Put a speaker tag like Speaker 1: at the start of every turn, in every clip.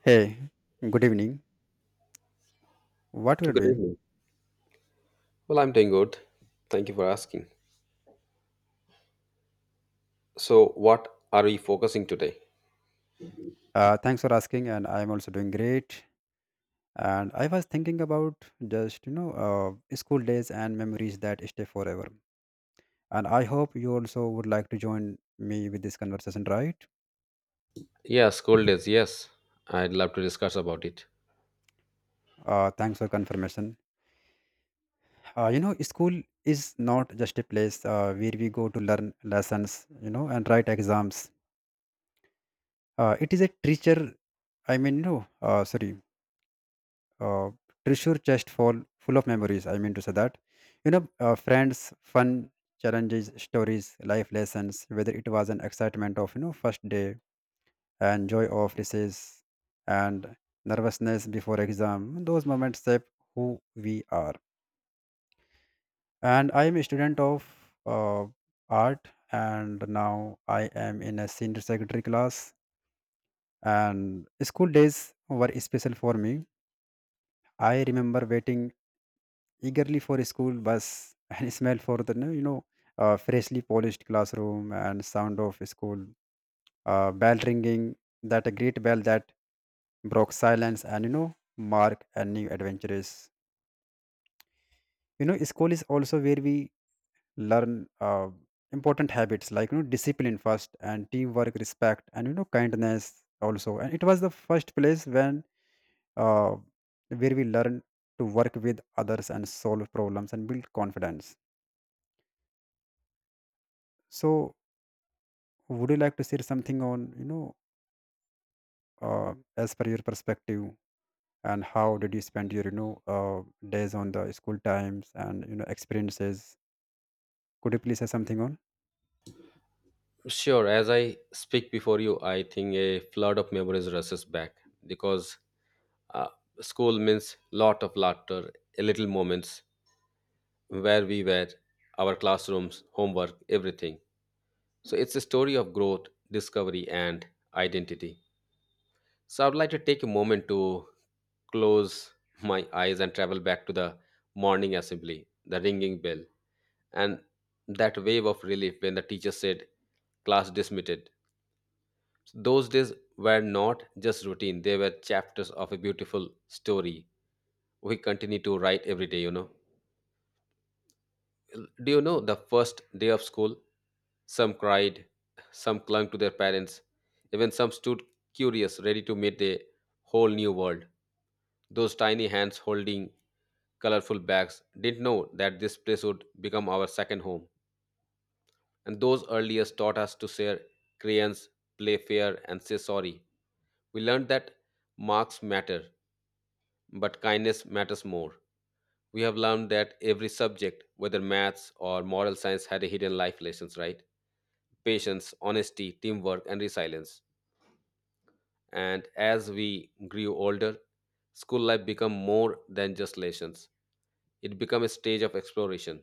Speaker 1: Hey, good evening. What we are
Speaker 2: Good
Speaker 1: doing?
Speaker 2: evening. Well, I'm doing good. Thank you for asking. So, what are we focusing today?
Speaker 1: Thanks for asking, and I'm also doing great. And I was thinking about just school days and memories that stay forever. And I hope you also would like to join me with this conversation, right?
Speaker 2: Yeah, school days. Yes, I'd love to discuss about it.
Speaker 1: Thanks for confirmation. School is not just a place where we go to learn lessons, and write exams. It is a teacher. I mean, no, sorry. uh, treasure chest full of memories. I mean to say that friends, fun, challenges, stories, life lessons, whether it was an excitement of first day and joy of recess and nervousness before exam. Those moments shape who we are. And I am a student of uh, art, and now I am in a senior secondary class, and school days were special for me. I remember waiting eagerly for school bus and smell for the freshly polished classroom and sound of school bell ringing, that a great bell that broke silence and mark a new adventures. School is also where we learn uh, important habits like discipline first, and teamwork, respect, and kindness also. And it was the first place when uh, where we learn to work with others and solve problems and build confidence. So, would you like to share something on as per your perspective, and how did you spend your days on the school times and experiences? Could you please say something on?
Speaker 2: Sure. As I speak before you, I think a flood of memories rushes back because uh, school means lot of laughter, a little moments where we were, our classrooms, homework, everything. So it's a story of growth, discovery, and identity. So I would like to take a moment to close my eyes and travel back to the morning assembly, the ringing bell, and that wave of relief when the teacher said, class dismissed. Those days were not just routine, they were chapters of a beautiful story we continue to write every day, Do you know the first day of school? Some cried, some clung to their parents, even some stood curious, ready to meet a whole new world. Those tiny hands holding colorful bags didn't know that this place would become our second home. And those earliest taught us to share crayons, play fair, and say sorry. We learned that marks matter, but kindness matters more. We have learned that every subject, whether maths or moral science, had a hidden life lessons, right? Patience, honesty, teamwork, and resilience. And as we grew older, school life became more than just lessons. It became a stage of exploration.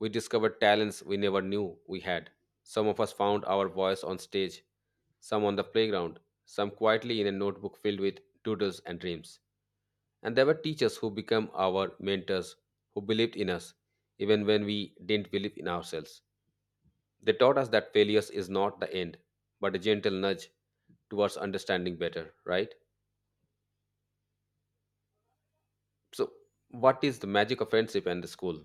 Speaker 2: We discovered talents we never knew we had. Some of us found our voice on stage, some on the playground, some quietly in a notebook filled with doodles and dreams. And there were teachers who became our mentors, who believed in us, even when we didn't believe in ourselves. They taught us that failures is not the end, but a gentle nudge towards understanding better, right? So, what is the magic of friendship and the school?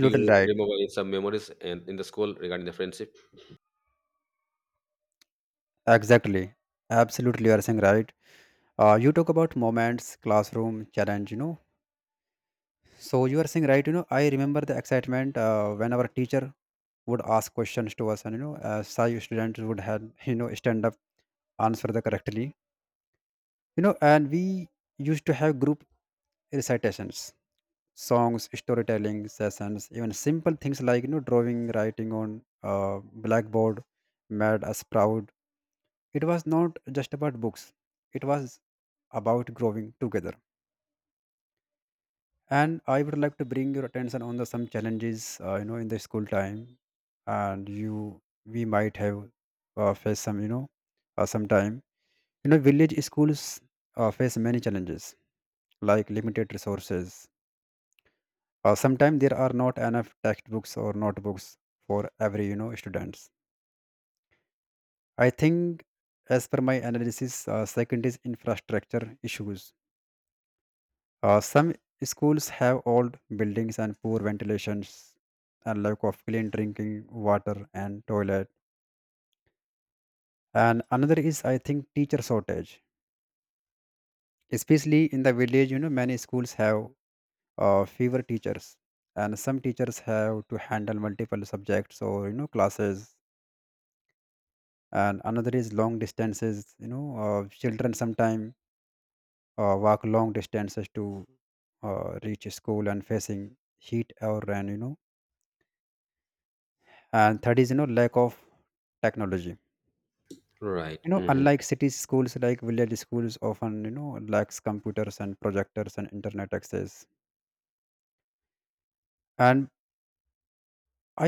Speaker 2: Do you
Speaker 1: right.
Speaker 2: remember some memories in the school regarding the friendship?
Speaker 1: Exactly. Absolutely, you are saying right. You talk about moments, classroom challenge. So you are saying right. I remember the excitement when our teacher would ask questions to us, and shy students would have stand up, answer the correctly. And we used to have group recitations, songs, storytelling sessions, even simple things like drawing, writing on blackboard made us proud. It was not just about books, it was about growing together. And I would like to bring your attention on the some challenges in the school time, and you we might have faced some sometime. Village schools face many challenges like limited resources. Sometimes there are not enough textbooks or notebooks for every students. I think, as per my analysis, second is infrastructure issues. Some schools have old buildings and poor ventilations, and lack of clean drinking water and toilet. And another is, I think, teacher shortage, especially in the village. Many schools have fewer teachers, and some teachers have to handle multiple subjects or classes. And another is long distances. Children sometimes walk long distances to reach school and facing heat or rain. And third is lack of technology.
Speaker 2: Right.
Speaker 1: you know
Speaker 2: Hmm.
Speaker 1: unlike city schools, like village schools often lacks computers and projectors and internet access. And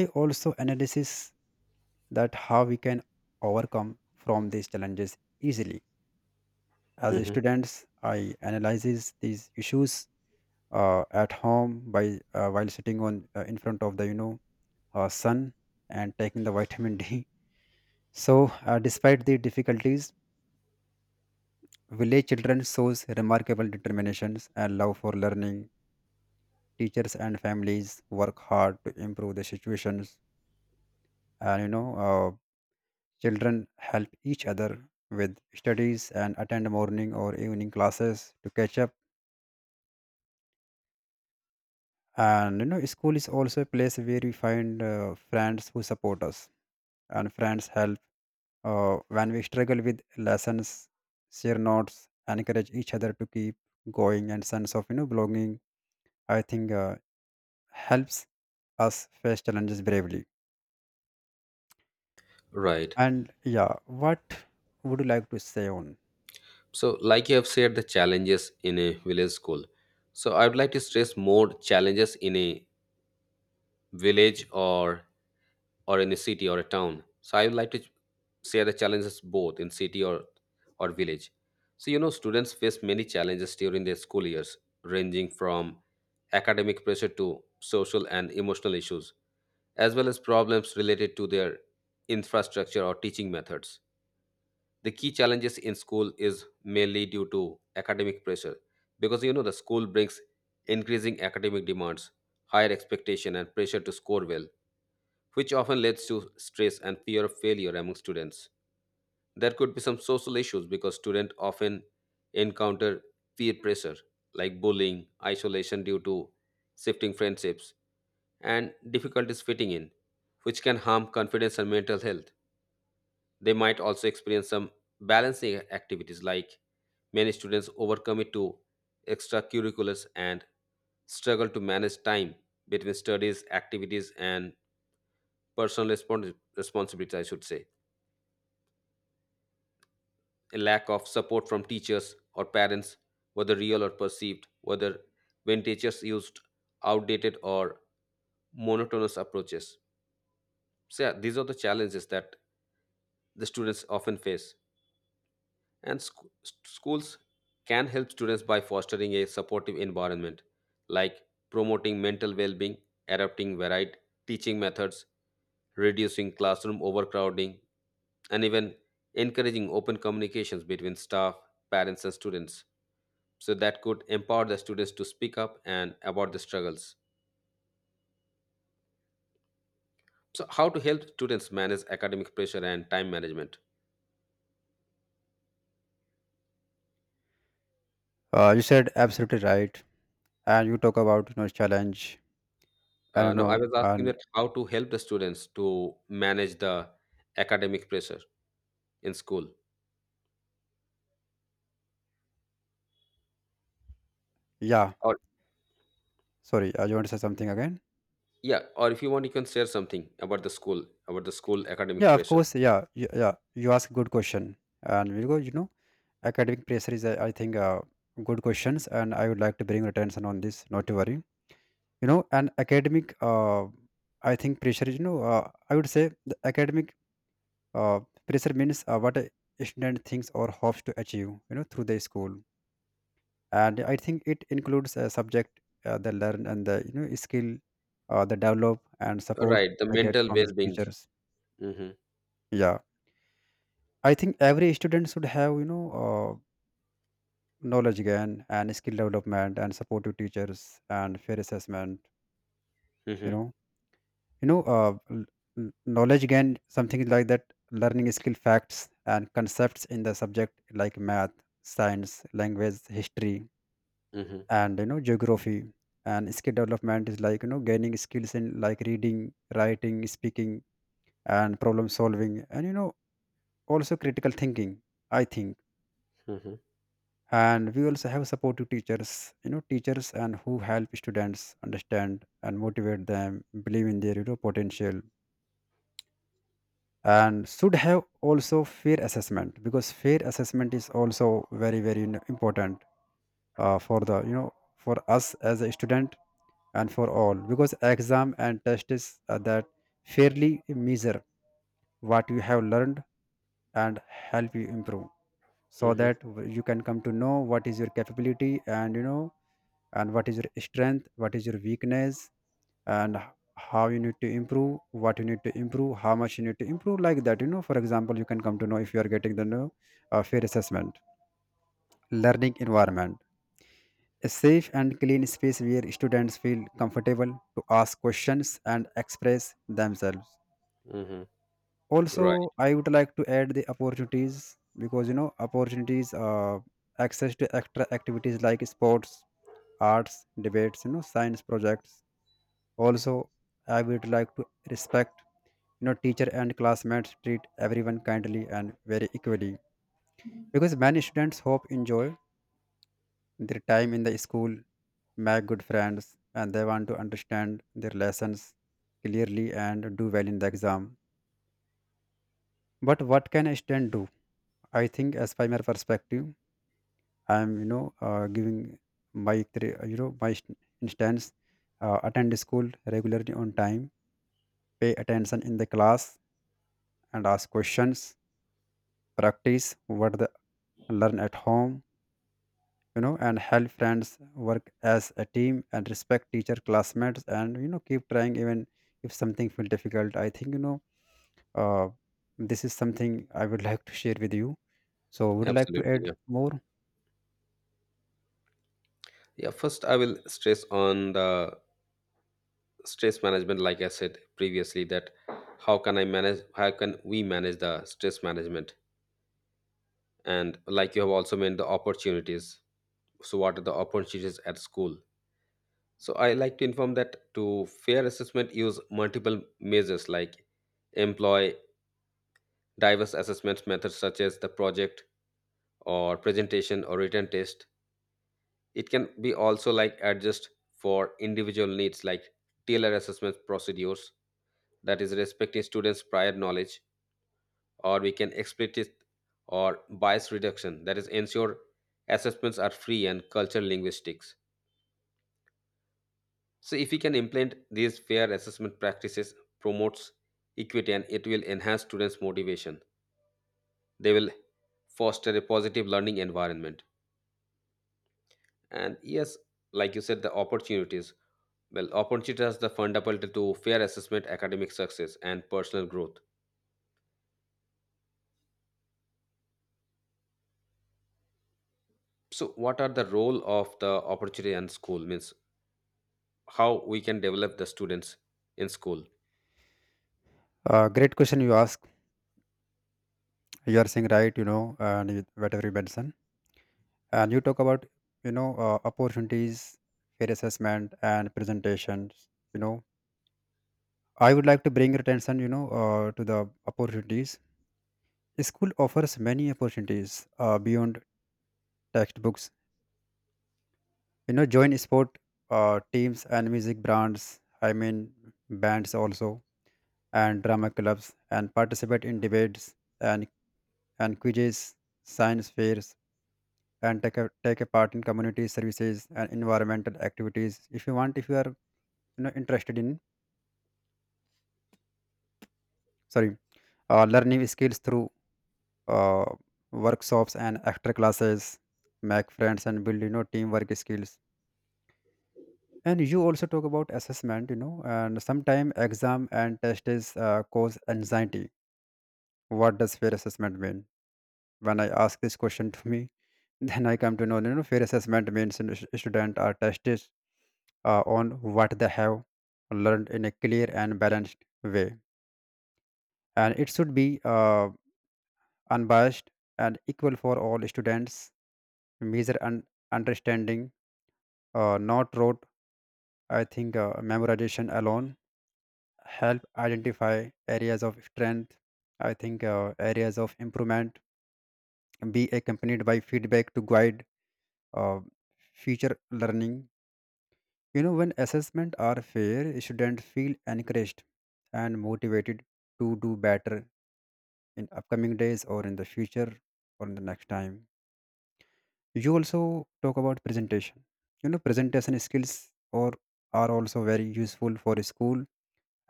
Speaker 1: I also analysis that how we can overcome from these challenges easily. As
Speaker 2: Hmm.
Speaker 1: students, I analyzes these issues at home by while sitting on in front of the sun and taking the vitamin D. So, despite the difficulties, village children shows remarkable determinations and love for learning. Teachers and families work hard to improve the situations, and children help each other with studies and attend morning or evening classes to catch up. And school is also a place where we find friends who support us and friends help. When we struggle with lessons, share notes, encourage each other to keep going, and sense of belonging, I think, helps us face challenges bravely.
Speaker 2: Right.
Speaker 1: And yeah, what would you like to say on?
Speaker 2: So, like you have said, the challenges in a village school. So, I would like to stress more challenges in a village or in a city or a town. So I would like to share the challenges both in city or village. So you know, students face many challenges during their school years, ranging from academic pressure to social and emotional issues, as well as problems related to their infrastructure or teaching methods. The key challenges in school is mainly due to academic pressure, because you know the school brings increasing academic demands, higher expectation, and pressure to score well which often leads to stress and fear of failure among students. There could be some social issues because students often encounter peer pressure like bullying, isolation due to shifting friendships, and difficulties fitting in, which can harm confidence and mental health. They might also experience some balancing activities like many students overcommit to extracurriculars and struggle to manage time between studies, activities, and personal responsibility, I should say. A lack of support from teachers or parents, whether real or perceived, whether when teachers used outdated or monotonous approaches. So, yeah, these are the challenges that the students often face. And schools can help students by fostering a supportive environment, like promoting mental well being, adopting varied teaching methods, reducing classroom overcrowding, and even encouraging open communications between staff, parents, and students. So that could empower the students to speak up and about the struggles. So, how to help students manage academic pressure and time management?
Speaker 1: You said absolutely right, and you talk about challenge. I
Speaker 2: Uh,
Speaker 1: don't
Speaker 2: no, I
Speaker 1: know.
Speaker 2: was asking
Speaker 1: And
Speaker 2: that how to help the students to manage the academic pressure. In school
Speaker 1: yeah,
Speaker 2: or
Speaker 1: sorry, you want to say something again?
Speaker 2: yeah or if you want you can share something about the school academic
Speaker 1: Yeah, of
Speaker 2: pressure.
Speaker 1: course. Yeah, yeah, yeah. You ask good question, and we go. Academic pressure is, I think, good questions, and I would like to bring attention on this. Not to worry, and academic, I think pressure is, I would say the academic uh, pressure means what a student thinks or hopes to achieve, through the school, and I think it includes a subject they learn and the skill they develop and support
Speaker 2: Right, the
Speaker 1: they get
Speaker 2: mental
Speaker 1: from the
Speaker 2: well-being.
Speaker 1: teachers.
Speaker 2: Mm-hmm.
Speaker 1: Yeah, I think every student should have, knowledge gain and skill development and supportive teachers and fair assessment. you
Speaker 2: Mm-hmm.
Speaker 1: know you know uh, l- n- knowledge gain something like that. Learning skill, facts and concepts in the subject like math, science, language, history,
Speaker 2: Mm-hmm.
Speaker 1: and geography. And skill development is like gaining skills in, like, reading, writing, speaking, and problem solving, and also critical thinking, I think.
Speaker 2: Mm-hmm.
Speaker 1: And we also have supportive teachers, teachers and who help students understand and motivate them believe in their potential. And should have also fair assessment, because fair assessment is also very, very important for the for us as a student, and for all, because exam and test is that fairly measure what you have learned and help you improve, so
Speaker 2: Mm-hmm.
Speaker 1: that you can come to know what is your capability and what is your strength, what is your weakness, and how you need to improve, what you need to improve, how much you need to improve, like that. For example, you can come to know if you are getting the know, fair assessment. Learning environment, a safe and clean space where students feel comfortable to ask questions and express themselves.
Speaker 2: Mm-hmm.
Speaker 1: Also,
Speaker 2: Right.
Speaker 1: I would like to add the opportunities, because opportunities access to extra activities like sports, arts, debates, science projects. Also, I would like to respect teacher and classmates, treat everyone kindly and very equally, because many students hope enjoy their time in the school, make good friends, and they want to understand their lessons clearly and do well in the exam. But what can a student do? I think, as by my perspective, I am giving my instance. Attend school regularly on time, pay attention in the class and ask questions, practice what the learn at home, and help friends, work as a team and respect teacher, classmates, and keep trying even if something feel difficult. I think, uh, this is something I would like to share with you. So, would you like to
Speaker 2: Absolutely,
Speaker 1: add
Speaker 2: yeah.
Speaker 1: more?
Speaker 2: Yeah, first I will stress on the stress management like I said previously that how can I manage how can we manage the stress management and like you have also mentioned the opportunities so what are the opportunities at school. So I like to inform that to fair assessment use multiple measures like employ diverse assessment methods such as the project or presentation or written test. It can be also like adjust for individual needs like tailor assessment procedures that is respecting students' prior knowledge or we can explicit or bias reduction that is ensure assessments are free and culture linguistics. So if we can implement these fair assessment practices promotes equity and it will enhance students motivation. They will foster a positive learning environment. And yes, like you said the opportunities well opportunities are the fundamental to fair assessment academic success and personal growth. So what are the role of the opportunity and school means how we can develop the students in school?
Speaker 1: Great question you ask. You are saying right, and whatever you mentioned, and you talk about opportunities, fair assessment, and presentations. I would like to bring your attention, to the opportunities. School offers many opportunities beyond textbooks. Join sport teams and music brands. I mean, bands also, and drama clubs, and participate in debates and and quizzes, science fairs, and take a part in community services and environmental activities. If you are interested in, sorry, learning skills through uh, workshops and extra classes, make friends and build teamwork skills. And you also talk about assessment, and sometimes exam and test is cause anxiety. What does fair assessment mean when I ask this question to me then I come to know fair assessment means, student are tested on what they have learned in a clear and balanced way, and it should be unbiased and equal for all students, measure and understanding, not rote. I think memorization alone help identify areas of strength. I think areas of improvement be accompanied by feedback to guide uh, future learning. When assessment are fair, students feel encouraged and motivated to do better in upcoming days, or in the future, or in the next time. You also talk about presentation. Presentation skills or are also very useful for school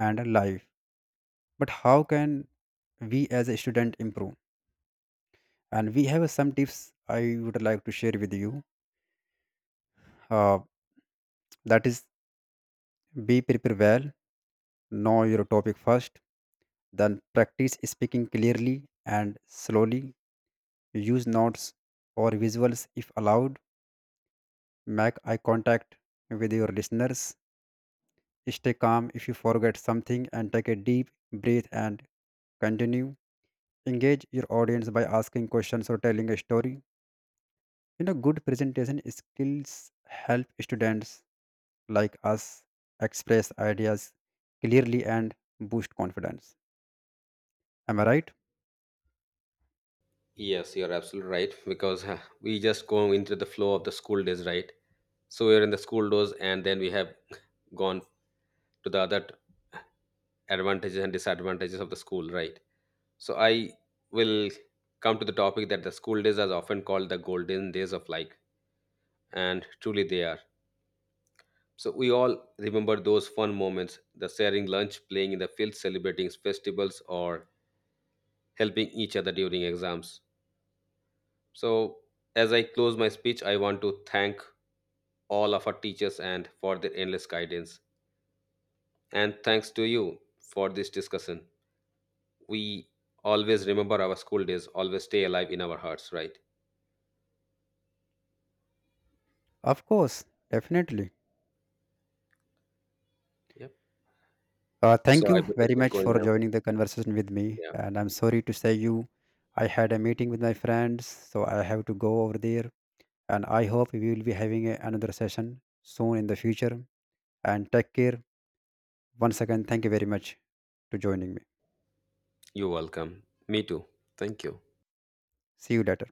Speaker 1: and life, but how can we as a student improve? And we have some tips I would like to share with you, uh, that is: be prepare well, know your topic first, then practice speaking clearly and slowly, use notes or visuals if allowed, make eye contact with your listeners, stay calm if you forget something and take a deep breath and continue, engage your audience by asking questions or telling a story. Good presentation skills help students like us express ideas clearly and boost confidence. Am I right?
Speaker 2: Yes, you're absolutely right because huh, we just go into the flow of the school days, right? So we're in the school days, and then we have gone to the advantages and disadvantages of the school, right? So I will come to the topic that the school days are often called the golden days of life, and truly they are. So we all remember those fun moments, the sharing lunch, playing in the field, celebrating festivals, or helping each other during exams. So as I close my speech, I want to thank all of our teachers and for their endless guidance. And thanks to you for this discussion. We always remember our school days, always stay alive in our hearts, right?
Speaker 1: Of course, definitely.
Speaker 2: Yep.
Speaker 1: Thank
Speaker 2: So I
Speaker 1: you
Speaker 2: better
Speaker 1: very
Speaker 2: get
Speaker 1: much
Speaker 2: going
Speaker 1: for
Speaker 2: now.
Speaker 1: joining the conversation with me.
Speaker 2: Yeah.
Speaker 1: And I'm sorry to say you, I had a meeting with my friends, so I have to go over there. And I hope we will be having another session soon in the future. And take care. Once again, thank you very much to joining me.
Speaker 2: You're welcome. Me too. Thank you.
Speaker 1: See you later.